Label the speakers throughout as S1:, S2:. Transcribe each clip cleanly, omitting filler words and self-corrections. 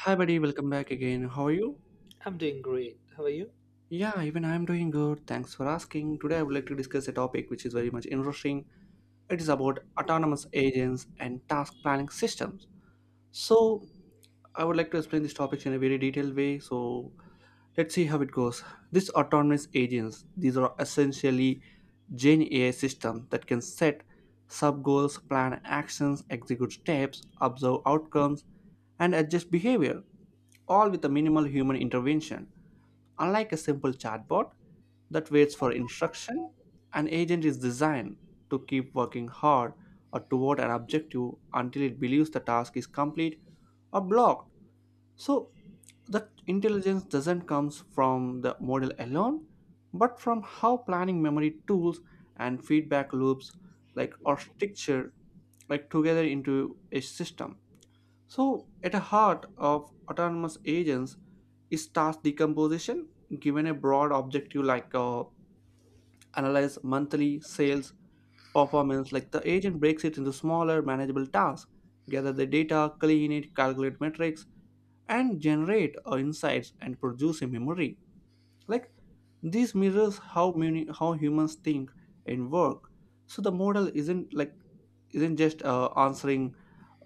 S1: Hi, buddy. Welcome back again. How are you?
S2: I'm doing great. How are you?
S1: Yeah, even I'm doing good. Thanks for asking. Today, I would like to discuss a topic which is very much interesting. It is about autonomous agents and task planning systems. So, I would like to explain this topic in a very detailed way. So, let's see how it goes. These autonomous agents, these are essentially Gen AI system that can set sub goals, plan actions, execute steps, observe outcomes, and adjust behavior, all with a minimal human intervention. Unlike a simple chatbot that waits for instruction, an agent is designed to keep working hard or toward an objective until it believes the task is complete or blocked. So that intelligence doesn't come from the model alone, but from how planning memory tools and feedback loops like are structured like together into a system. So, at the heart of autonomous agents is task decomposition, given a broad objective like analyze monthly sales performance. Like the agent breaks it into smaller, manageable tasks, gather the data, clean it, calculate metrics, and generate insights and produce a memory like this mirrors how many how humans think and work. So the model isn't just answering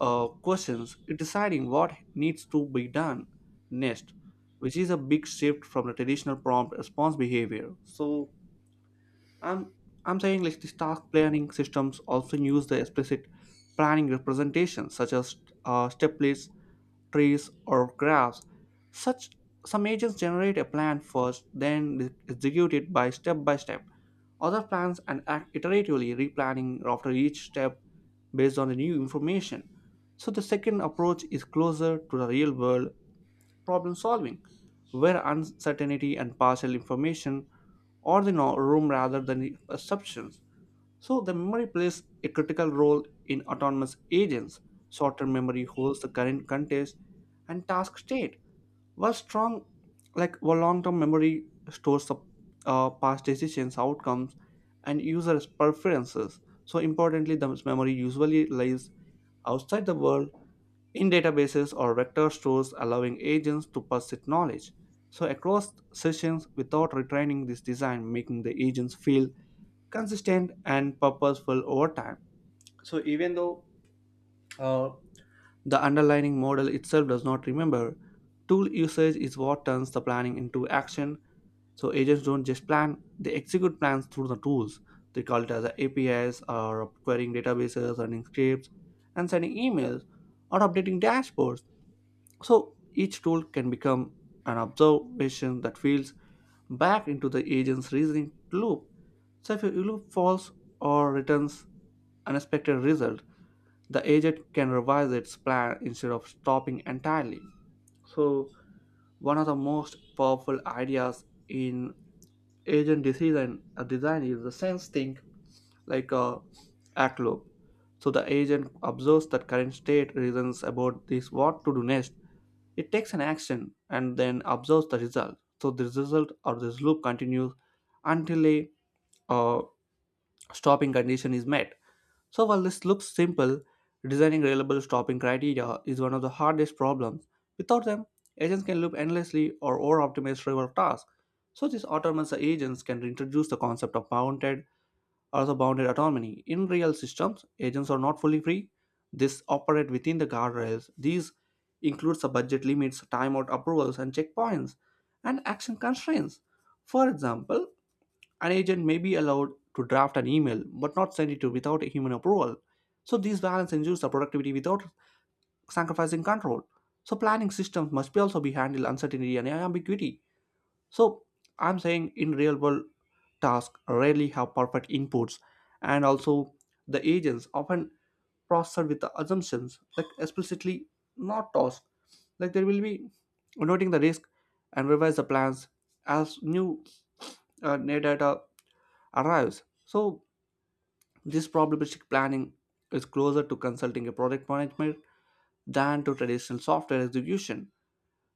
S1: questions. It's deciding what needs to be done next, which is a big shift from the traditional prompt response behavior. So i'm I'm saying like these task planning systems also use the explicit planning representations such as step lists, trees, or graphs. Such Some agents generate a plan first, then execute it by step by step. Other plans and act iteratively, replanning after each step based on the new information. So the second approach is closer to the real world problem solving, where uncertainty and partial information are the room rather than the assumptions. So the memory plays a critical role in autonomous agents. Short-term memory holds the current context and task state, while strong, like while long-term memory stores up past decisions, outcomes, and users' preferences. So importantly, the memory usually lies outside the world in databases or vector stores, allowing agents to persist knowledge. So across sessions without retraining this design, making the agents feel consistent and purposeful over time. So even though uh, the underlying model itself does not remember. Tool usage is what turns the planning into action. So agents don't just plan, they execute plans through the tools. They call it as a APIs or querying databases, running scripts, and sending emails or updating dashboards. So each tool can become an observation that feeds back into the agent's reasoning loop. So if a loop falls or returns unexpected result, the agent can revise its plan instead of stopping entirely. So, one of the most powerful ideas in agent decision design is the sense think like a act loop. So, the agent observes that current state, reasons about this what to do next. It takes an action and then observes the result. So, this result or this loop continues until a uh, stopping condition is met. So while this looks simple, designing reliable stopping criteria is one of the hardest problems. Without them, agents can loop endlessly or over-optimize trivial tasks. So these autonomous agents can introduce the concept of bounded or the bounded autonomy. In real systems, agents are not fully free. These operate within the guardrails. These includes the budget limits, timeout approvals, and checkpoints, and action constraints. For example, an agent may be allowed to draft an email but not send it to without human approval. So these balance ensures the productivity without sacrificing control. So planning systems must be also be handle uncertainty and ambiguity. So I'm saying in real world tasks rarely have perfect inputs and also the agents often process with the assumptions like explicitly not tossed like there will be noting the risk and revise the plans as new new data arrives. So, this probabilistic planning is closer to consulting a project management than to traditional software execution,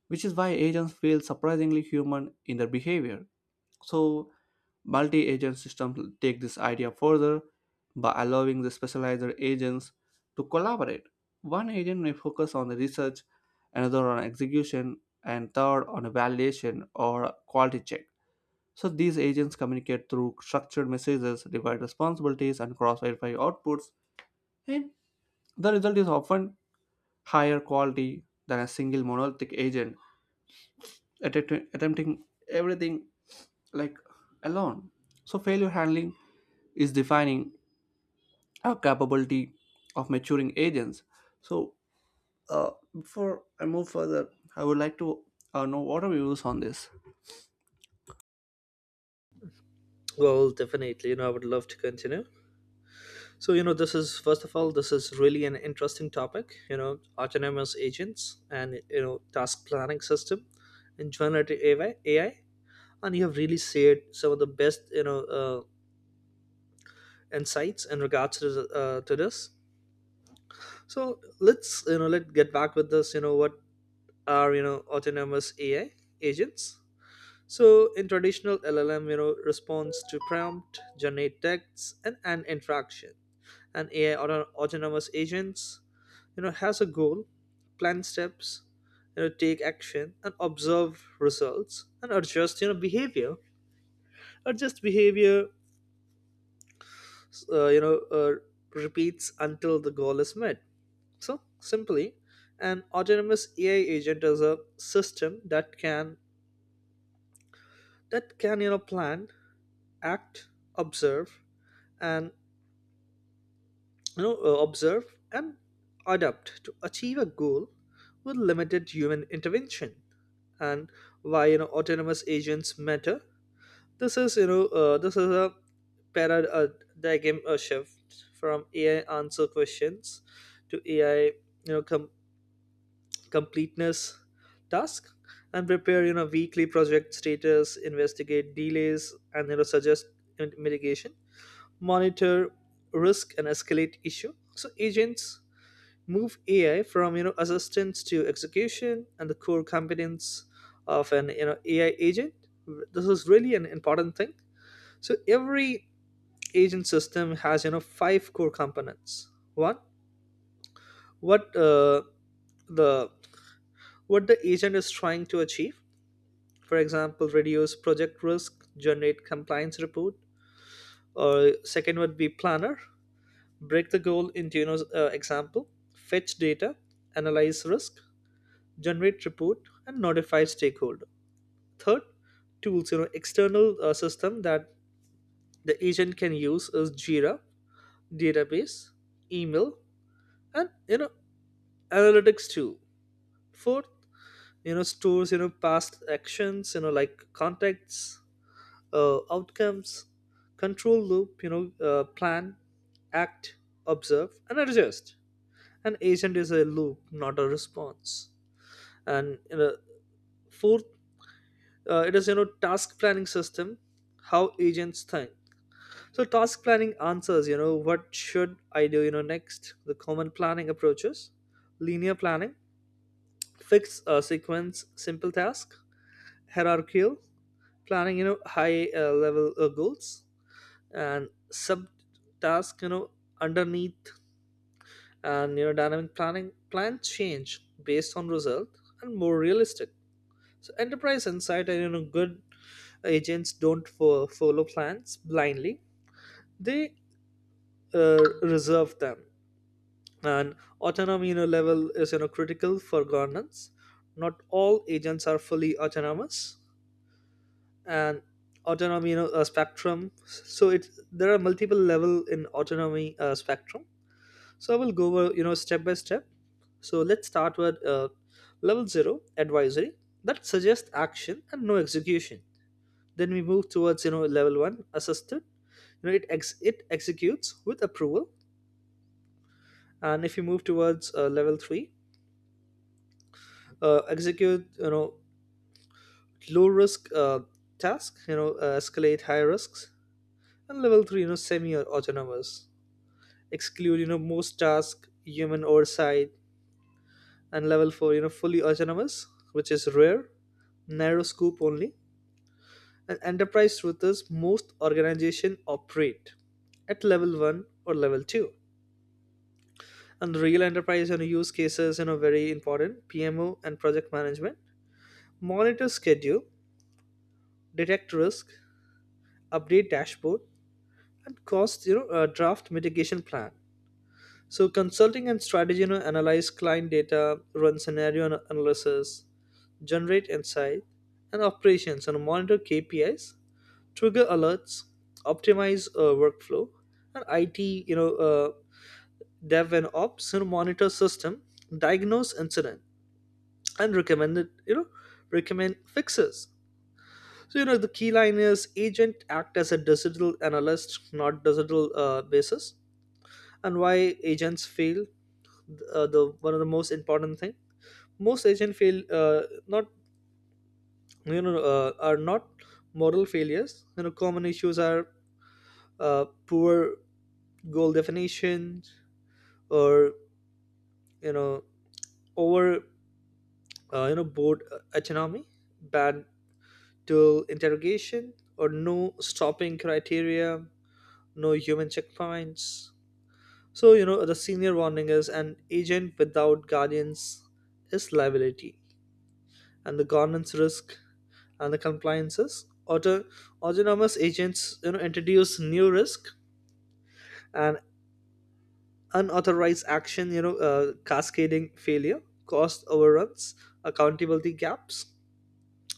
S1: which is why agents feel surprisingly human in their behavior. So, multi agent systems take this idea further by allowing the specialized agents to collaborate. One agent may focus on the research, another on execution, and third on a validation or quality check. So these agents communicate through structured messages, divide responsibilities, and cross-verify outputs, and the result is often higher quality than a single monolithic agent attempting everything like alone. So failure handling is defining our capability of maturing agents. So before I move further, I would like to know what are your views on this.
S2: Well, definitely. I would love to continue. So, this is first of all, this is really an interesting topic. Autonomous agents and task planning system and generative AI. And you have really shared some of the best insights in regards to to this. So let's you know let us get back with this. What are autonomous AI agents? So in traditional LLM, responds to prompt, generate texts, and an interaction. And autonomous agents, has a goal, plan steps, take action, and observe results, and adjust, behavior. Adjust behavior, uh, you know, uh, repeats until the goal is met. So simply, an autonomous AI agent is a system that can plan, act, observe, and you know, uh, observe and adapt to achieve a goal with limited human intervention. And why autonomous agents matter? This is this is a paradigm shift from AI answer questions to AI you know com- completeness task and prepare weekly project status, investigate delays, and suggest mitigation, monitor risk and escalate issue. So agents move AI from assistance to execution and the core competence of an AI agent. This is really an important thing. So every agent system has five core components. One, what uh, the what the agent is trying to achieve. For example, reduce project risk, generate compliance report. Or second would be planner. Break the goal into example, fetch data, analyze risk, generate report and notify stakeholder. Third, tools, external system that the agent can use is Jira, database, email, and analytics tool. Fourth, stores past actions like contacts, outcomes, control loop, plan, act, observe and adjust. An agent is a loop, not a response. And fourth, it is task planning system, how agents think. So task planning answers what should I do next. The common planning approaches: linear planning, fixed sequence, simple task; hierarchical planning, you know high level goals and sub task underneath; and dynamic planning, plans change based on result and more realistic. So enterprise insight, and good agents don't follow plans blindly. They reserve them. And autonomy, level is critical for governance. Not all agents are fully autonomous, and autonomy you know a spectrum. So it there are multiple level in autonomy spectrum. So I will go over step by step. So let's start with level zero, advisory, that suggests action and no execution. Then we move towards level one, assisted, it it executes with approval. And if you move towards level three, execute low risk task, escalate high risks. And level three, semi autonomous, exclude most task, human oversight. And level four, fully autonomous, which is rare, narrow scope only. And enterprise truth is most organization operate at level 1 or level 2. And real enterprise and use cases, very important, PMO and project management, monitor schedule, detect risk, update dashboard, and cost, draft mitigation plan. So consulting and strategy, analyze client data, run scenario analysis, generate insight. And operations and monitor KPIs, trigger alerts, optimize workflow. And IT, you know uh, dev and ops, monitor system, diagnose incidents, and recommend fixes. So the key line is agent act as a digital analyst, not digital basis. And why agents fail? The one of the most important thing, most agent fail, not you know are not model failures. Common issues are uh, poor goal definition, or you know over, you know board autonomy, bad dual interrogation, or no stopping criteria, no human checkpoints. So, the senior warning is an agent without guardians is liability. And the governance risk and the compliances. Autonomous agents, introduce new risk and unauthorized action, cascading failure, cost overruns, accountability gaps.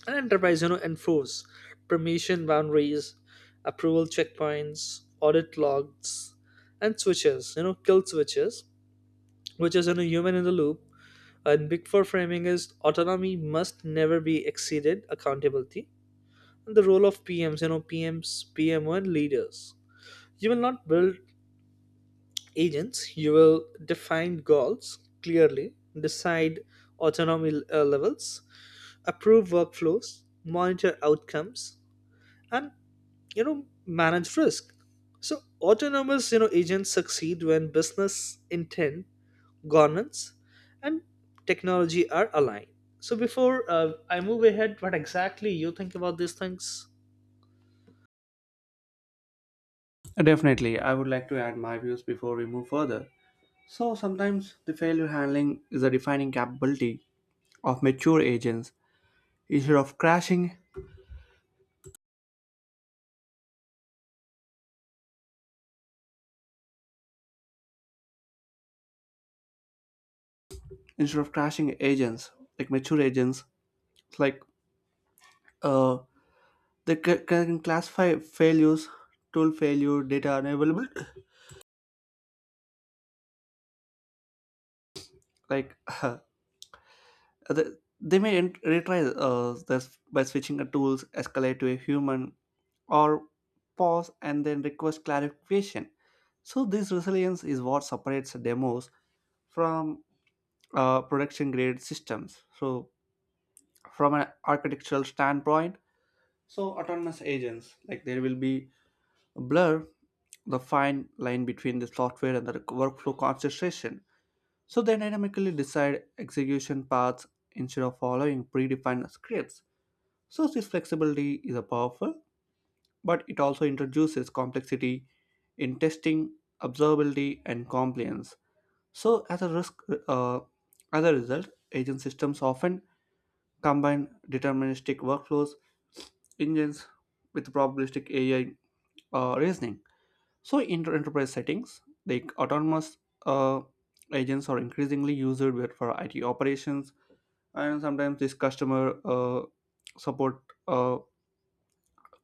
S2: And enterprise enforce permission boundaries, approval checkpoints, audit logs, and switches, kill switches, which is human in the loop. And big four framing is autonomy must never be exceeded accountability. And the role of PMs, PMO, and leaders. You will not build agents, you will define goals clearly, decide autonomy levels, approve workflows, monitor outcomes, and you know manage risk. So autonomous agents succeed when business intent, governance, and technology are aligned. So before I move ahead, what exactly you think about these things?
S1: Definitely, I would like to add my views before we move further. So sometimes the failure handling is a defining capability of mature agents. Instead of crashing, instead of crashing agents like mature agents, like uh, they ca- can classify failures, tool failure, data unavailable. like uh, they, they may retry this by switching the tools, escalate to a human, or pause and then request clarification. So this resilience is what separates demos from production grade systems. So from an architectural standpoint, so autonomous agents like there will be blur the fine line between the software and the workflow concentration. So they dynamically decide execution paths instead of following predefined scripts. So this flexibility is a powerful, but it also introduces complexity in testing, observability and compliance. So uh, as a result, agent systems often combine deterministic workflows engines with probabilistic AI reasoning. So, in enterprise settings, like autonomous uh, agents are increasingly used for IT operations, and sometimes this customer support, uh,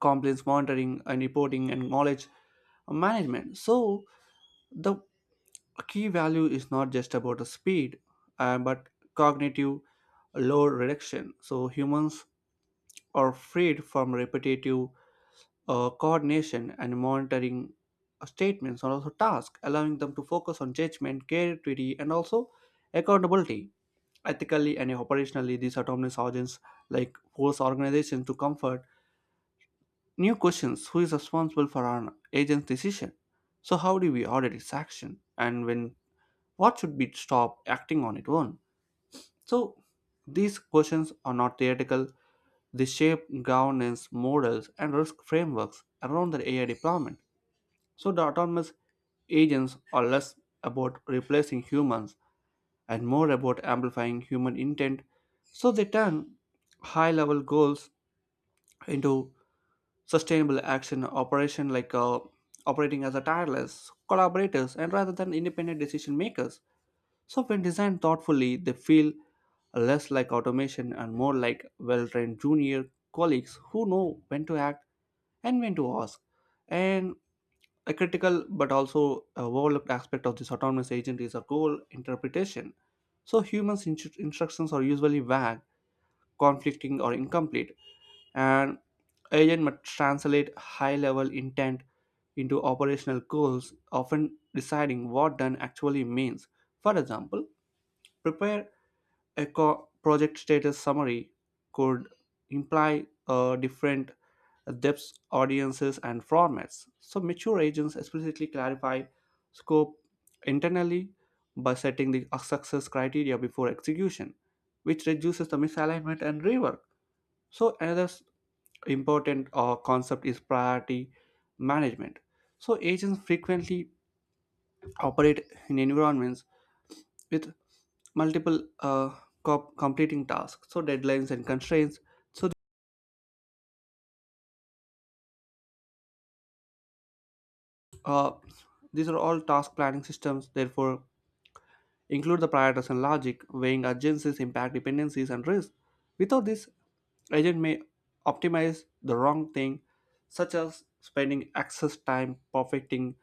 S1: complaints monitoring, and reporting, and knowledge management. So, the key value is not just about the speed, but cognitive load reduction. So, humans are freed from repetitive coordination and monitoring statements are also tasks, allowing them to focus on judgment, creativity, and also accountability. Ethically and operationally, these autonomous agents like force organizations to comfort new questions: who is responsible for an agent's decision? So how do we audit its action? And when what should be stop acting on its own? So these questions are not theoretical. They shape governance models and risk frameworks around the AI deployment. So the autonomous agents are less about replacing humans and more about amplifying human intent. So they turn high level goals into sustainable action operation like operating as a tireless collaborators and rather than independent decision makers. So when designed thoughtfully, they feel less like automation and more like well-trained junior colleagues who know when to act and when to ask. And a critical but also a overlooked aspect of this autonomous agent is a goal interpretation. So humans' instructions are usually vague, conflicting, or incomplete, and agent must translate high-level intent into operational goals, often deciding what done actually means. For example, prepare a project status summary could imply different depths, audiences, and formats. So, mature agents explicitly clarify scope internally by setting the success criteria before execution, which reduces the misalignment and rework. So, another important concept is priority management. So, agents frequently operate in environments with multiple completing tasks, so deadlines and constraints. So uh, these are all task planning systems. Therefore, include the prioritization logic, weighing urgencies, impact, dependencies, and risk. Without this, agent may optimize the wrong thing, such as spending excess time perfecting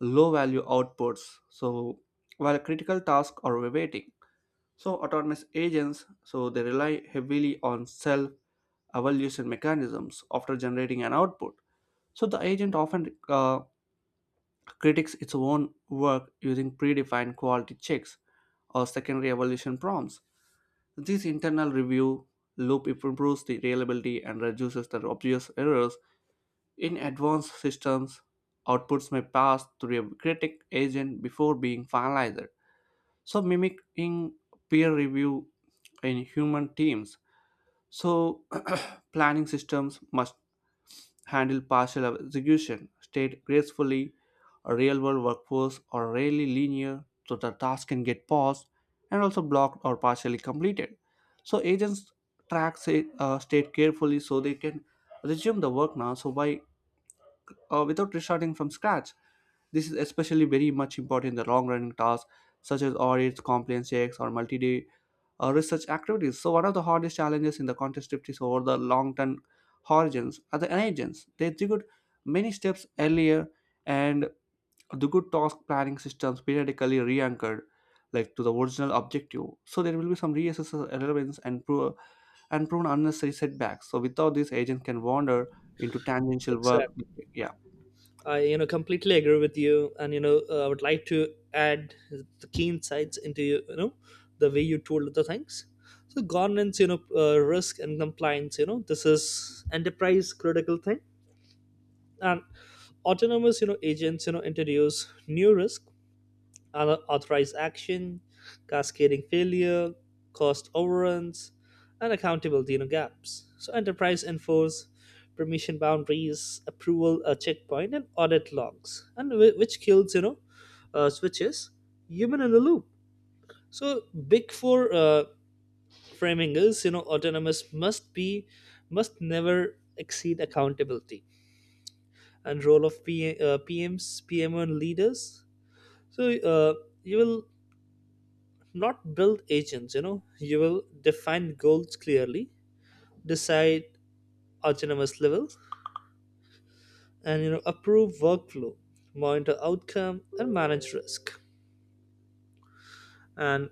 S1: low-value outputs. So while critical tasks are waiting. So autonomous agents, so they rely heavily on self evaluation mechanisms after generating an output. So the agent often critiques its own work using predefined quality checks or secondary evaluation prompts. This internal review loop improves the reliability and reduces the obvious errors. In advanced systems, outputs may pass through a critic agent before being finalized, so mimicking peer review in human teams. So planning systems must handle partial execution state gracefully. A real world workforce are rarely linear, so the task can get paused and also blocked or partially completed. So agents track say, state carefully so they can resume the work now so by without restarting from scratch. This is especially very much important in the long running tasks such as audits, compliance checks, or multi day research activities. So, one of the hardest challenges in the contest shift is over the long term horizons are the agents. They execute many steps earlier, and the good task planning systems periodically re anchored like to the original objective. So there will be some reassessment relevance and and prone unnecessary setbacks. So without this agent can wander into tangential work.
S2: Exactly.
S1: Yeah.
S2: I completely agree with you, and I would like to add the key insights into the way you told the things. So governance, risk and compliance, this is enterprise critical thing. And autonomous agents introduce new risk, unauthorized action, cascading failure, cost overruns, and accountability gaps. So enterprise enforce permission boundaries, approval a checkpoint, and audit logs, and which kills, switches, human in the loop. So big four framing is, autonomous must be must never exceed accountability. And role of PMs, PMO, and leaders. So you will not build agents, you will define goals clearly, decide autonomous level, and approve workflow, monitor outcome, and manage risk. And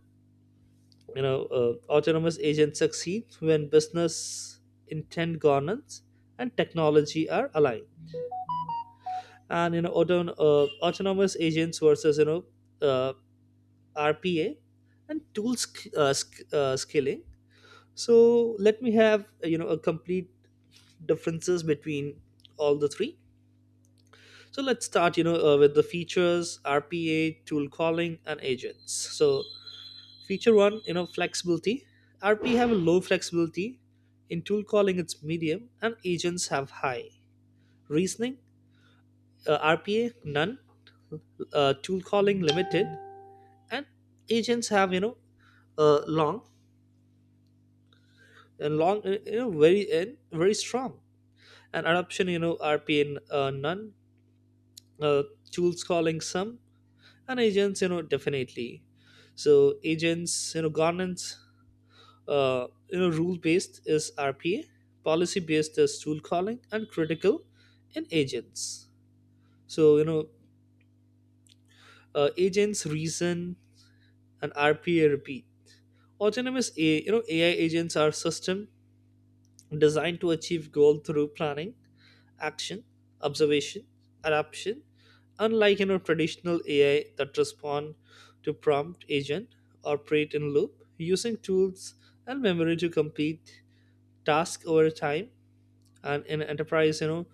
S2: autonomous agents succeed when business intent, governance, and technology are aligned. And autonomous agents versus uh, RPA and tool scaling. So let me have a complete differences between all the three. So let's start with the features: RPA, tool calling, and agents. So feature one, flexibility. RPA have a low flexibility. In tool calling, it's medium, and agents have high. Reasoning, RPA none, tool calling limited, and agents have uh, long long, very and very strong. And adoption, rp none, uh, tools calling some, and agents definitely. So agents, governance, rule based is RPA, policy based is tool calling, and critical in agents. So agents reason and RPA repeat. Autonomous a AI agents are system designed to achieve goal through planning, action, observation, adaptation. Unlike traditional AI that respond to prompt, agent operate in loop, using tools and memory to complete tasks over time. And in enterprise,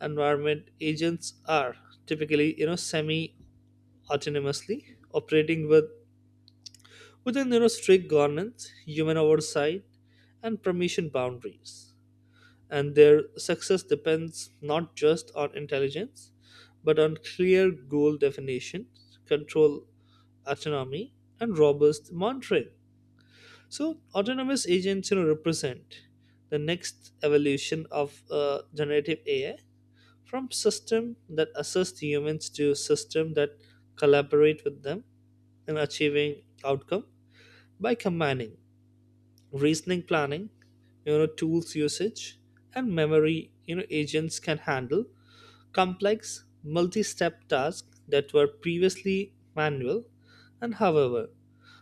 S2: environment, agents are typically semi autonomously operating with within strict governance, human oversight, and permission boundaries. And their success depends not just on intelligence but on clear goal definition, control autonomy, and robust monitoring. So autonomous agents, represent the next evolution of generative AI, from system that assist humans to system that collaborate with them in achieving outcome. By combining reasoning, planning, tools usage, and memory, agents can handle complex multi-step tasks that were previously manual. And however,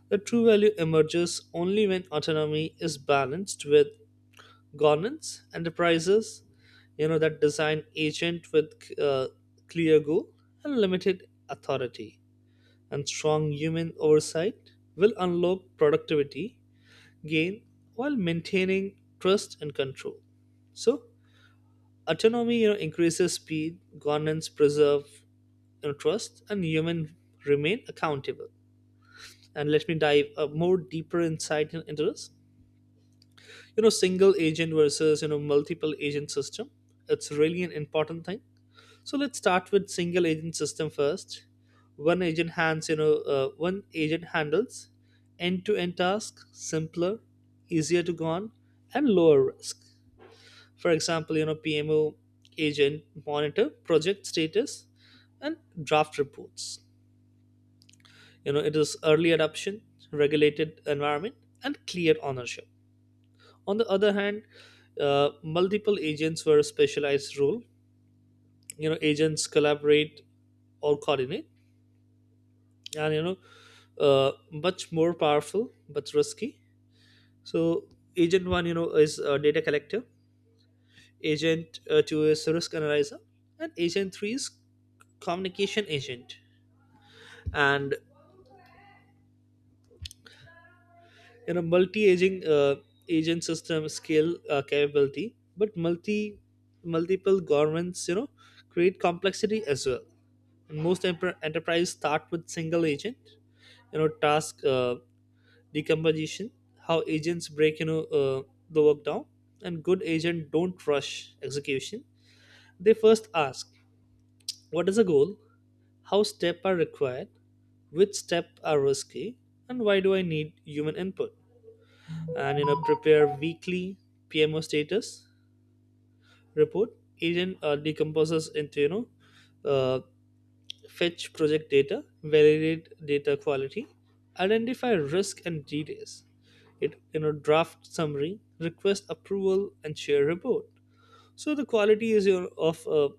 S2: the true value emerges only when autonomy is balanced with governance. Enterprises that design agent with uh, clear goal and limited authority and strong human oversight will unlock productivity gain while maintaining trust and control. So autonomy, increases speed, governance preserve, trust, and human remain accountable. And let me dive a more deeper insight into this. Single agent versus multiple agent system. It's really an important thing. So let's start with single agent system first. One agent hands you know One agent handles end to end tasks, simpler, easier to go on, and lower risk. For example, PMO agent monitor project status and draft reports. It is early adoption, regulated environment, and clear ownership. On the other hand, multiple agents were a specialized role. Agents collaborate or coordinate, and uh, much more powerful but risky. So agent one is a data collector, Agent 2 is risk analyzer, and Agent 3 is communication agent. And multi-aging agent system scale capability, but multiple governments create complexity as well. And most enterprise start with single agent. Task decomposition, how agents break the work down, and good agent don't rush execution. They first ask, what is the goal? How steps are required, which steps are risky, and why do I need human input? And prepare weekly PMO status report. Agent decomposes into uh, fetch project data, validate data quality, identify risk and delays. It draft summary, request approval, and share report. So the quality is your of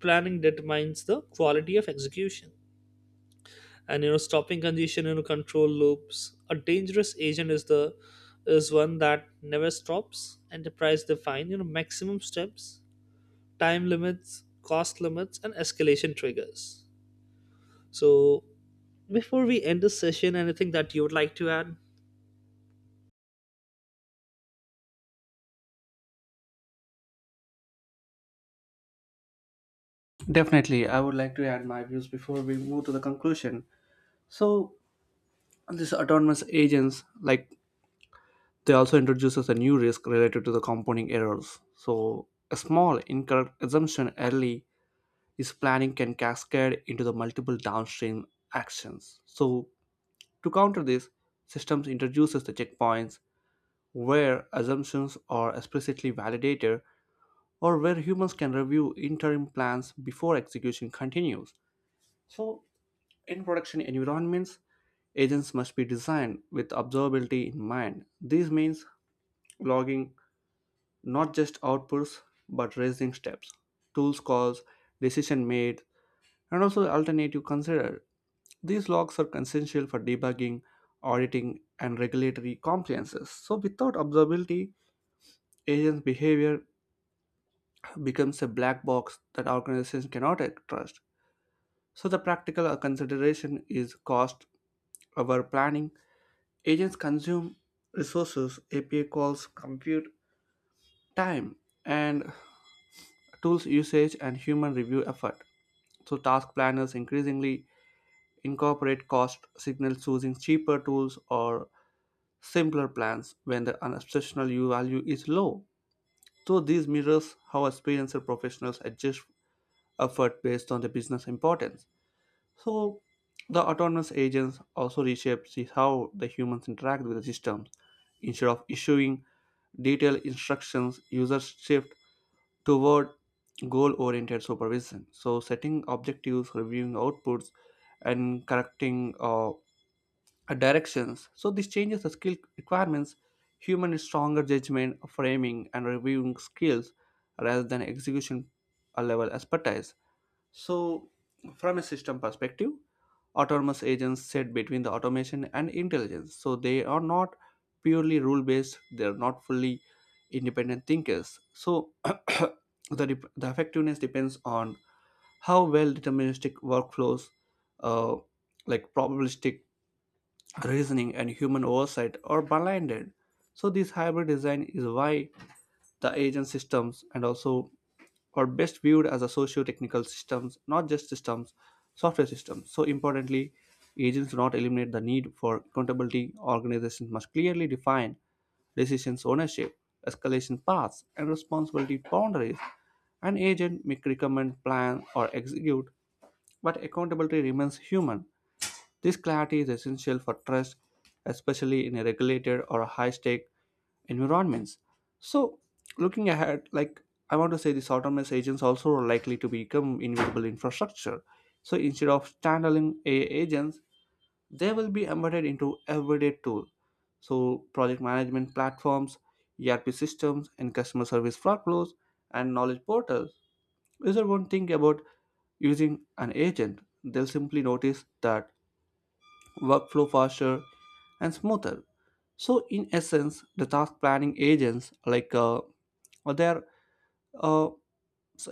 S2: planning determines the quality of execution. And stopping congestion in control loops, a dangerous agent is the is one that never stops. Enterprise define maximum steps, time limits, cost limits, and escalation triggers. So before we end this session, anything that you would like to add?
S1: Definitely, I would like to add my views before we move to the conclusion. So, these autonomous agents, like they also introduces a new risk related to the compounding errors. So, a small incorrect assumption early is planning can cascade into the multiple downstream actions. So, to counter this, systems introduces the checkpoints where assumptions are explicitly validated or where humans can review interim plans before execution continues. So In production environments, agents must be designed with observability in mind. This means logging not just outputs but raising steps, tools calls, decision made, and also alternative considered. These logs are essential for debugging, auditing, and regulatory compliances. So without observability, agents' behavior becomes a black box that organizations cannot trust. So the practical consideration is cost, our planning, agents consume resources, API calls, compute time, and tools usage and human review effort. So, task planners increasingly incorporate cost signals choosing cheaper tools or simpler plans when the unobsessional U value is low. So, these mirrors how experienced professionals adjust effort based on the business importance. So, the autonomous agents also reshapes how the humans interact with the systems instead of issuing detailed instructions, users shift toward goal oriented supervision. So, setting objectives, reviewing outputs, and correcting directions. So, this changes the skill requirements. Human is stronger judgment, framing, and reviewing skills rather than execution level expertise. So, from a system perspective, autonomous agents sit between the automation and intelligence. So, they are not purely rule based, they are not fully independent thinkers. So, the effectiveness depends on how well deterministic workflows, uh, like probabilistic reasoning, and human oversight are blended. So, this hybrid design is why the agent systems and also or best viewed as a socio-technical systems, not just systems, software systems. So importantly, agents do not eliminate the need for accountability. Organizations must clearly define decisions ownership, escalation paths, and responsibility boundaries. An agent may recommend, plan, or execute, but accountability remains human. This clarity is essential for trust, especially in a regulated or high stake environments. So, looking ahead, like I want to say, these autonomous agents also are likely to become invisible infrastructure. So, instead of standalone AI agents, they will be embedded into everyday tools. So, project management platforms, ERP systems, and customer service workflows and knowledge portals. User won't think about using an agent; they'll simply notice that workflow faster, and smoother. So, in essence, the task planning agents like they uh,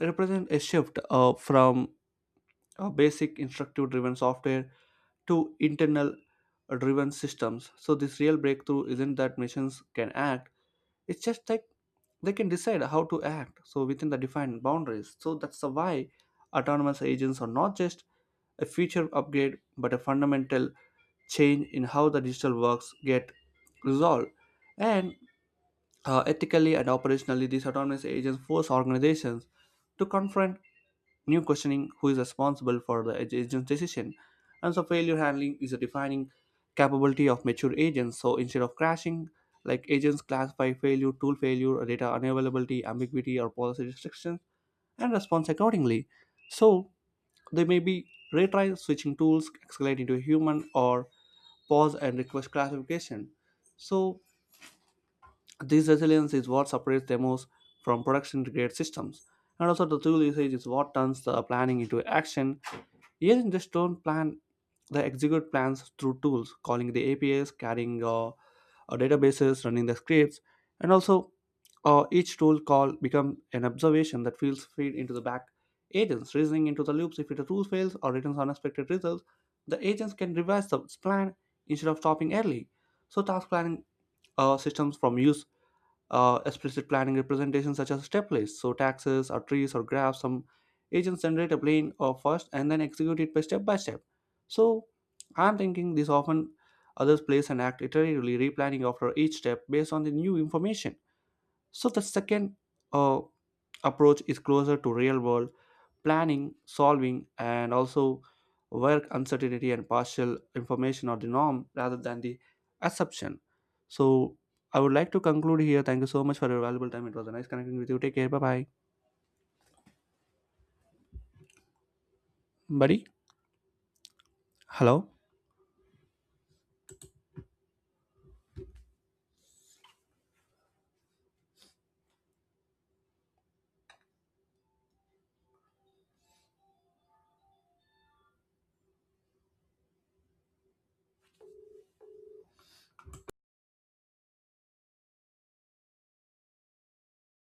S1: represent a shift from basic instructive driven software to internal driven systems. So, this real breakthrough isn't that machines can act, it's just like they can decide how to act so within the defined boundaries so that's the why autonomous agents are not just a feature upgrade but a fundamental change in how the digital works get resolved and ethically and operationally these autonomous agents force organizations to confront new questioning who is responsible for the agent's decision. And so failure handling is a defining capability of mature agents. So instead of crashing, like agents classify failure, tool failure, data unavailability, ambiguity, or policy restrictions, and response accordingly. So they may be retry switching tools, escalate into a human, or pause and request classification. So this resilience is what separates demos from production grade systems. And also the tool usage is what turns the planning into action. Yes, in the stone plan, they execute plans through tools, calling the APIs, carrying databases, running the scripts, and also each tool call become an observation that feels feed into the back agents, reasoning into the loops. If the tool fails or returns unexpected results, the agents can revise the plan instead of stopping early. So task planning systems from use explicit planning representations such as step lists, so taxes or trees or graphs. Some agents generate a plan first and then execute it by step by step. So I'm thinking this often others place and act iteratively, replanning after each step based on the new information. So the second uh, approach is closer to real world planning, solving, and also work uncertainty and partial information are the norm rather than the assumption. So I would like to conclude here. Thank you so much for your valuable time. It was a nice connecting with you. Take care. Bye bye. Buddy? Hello?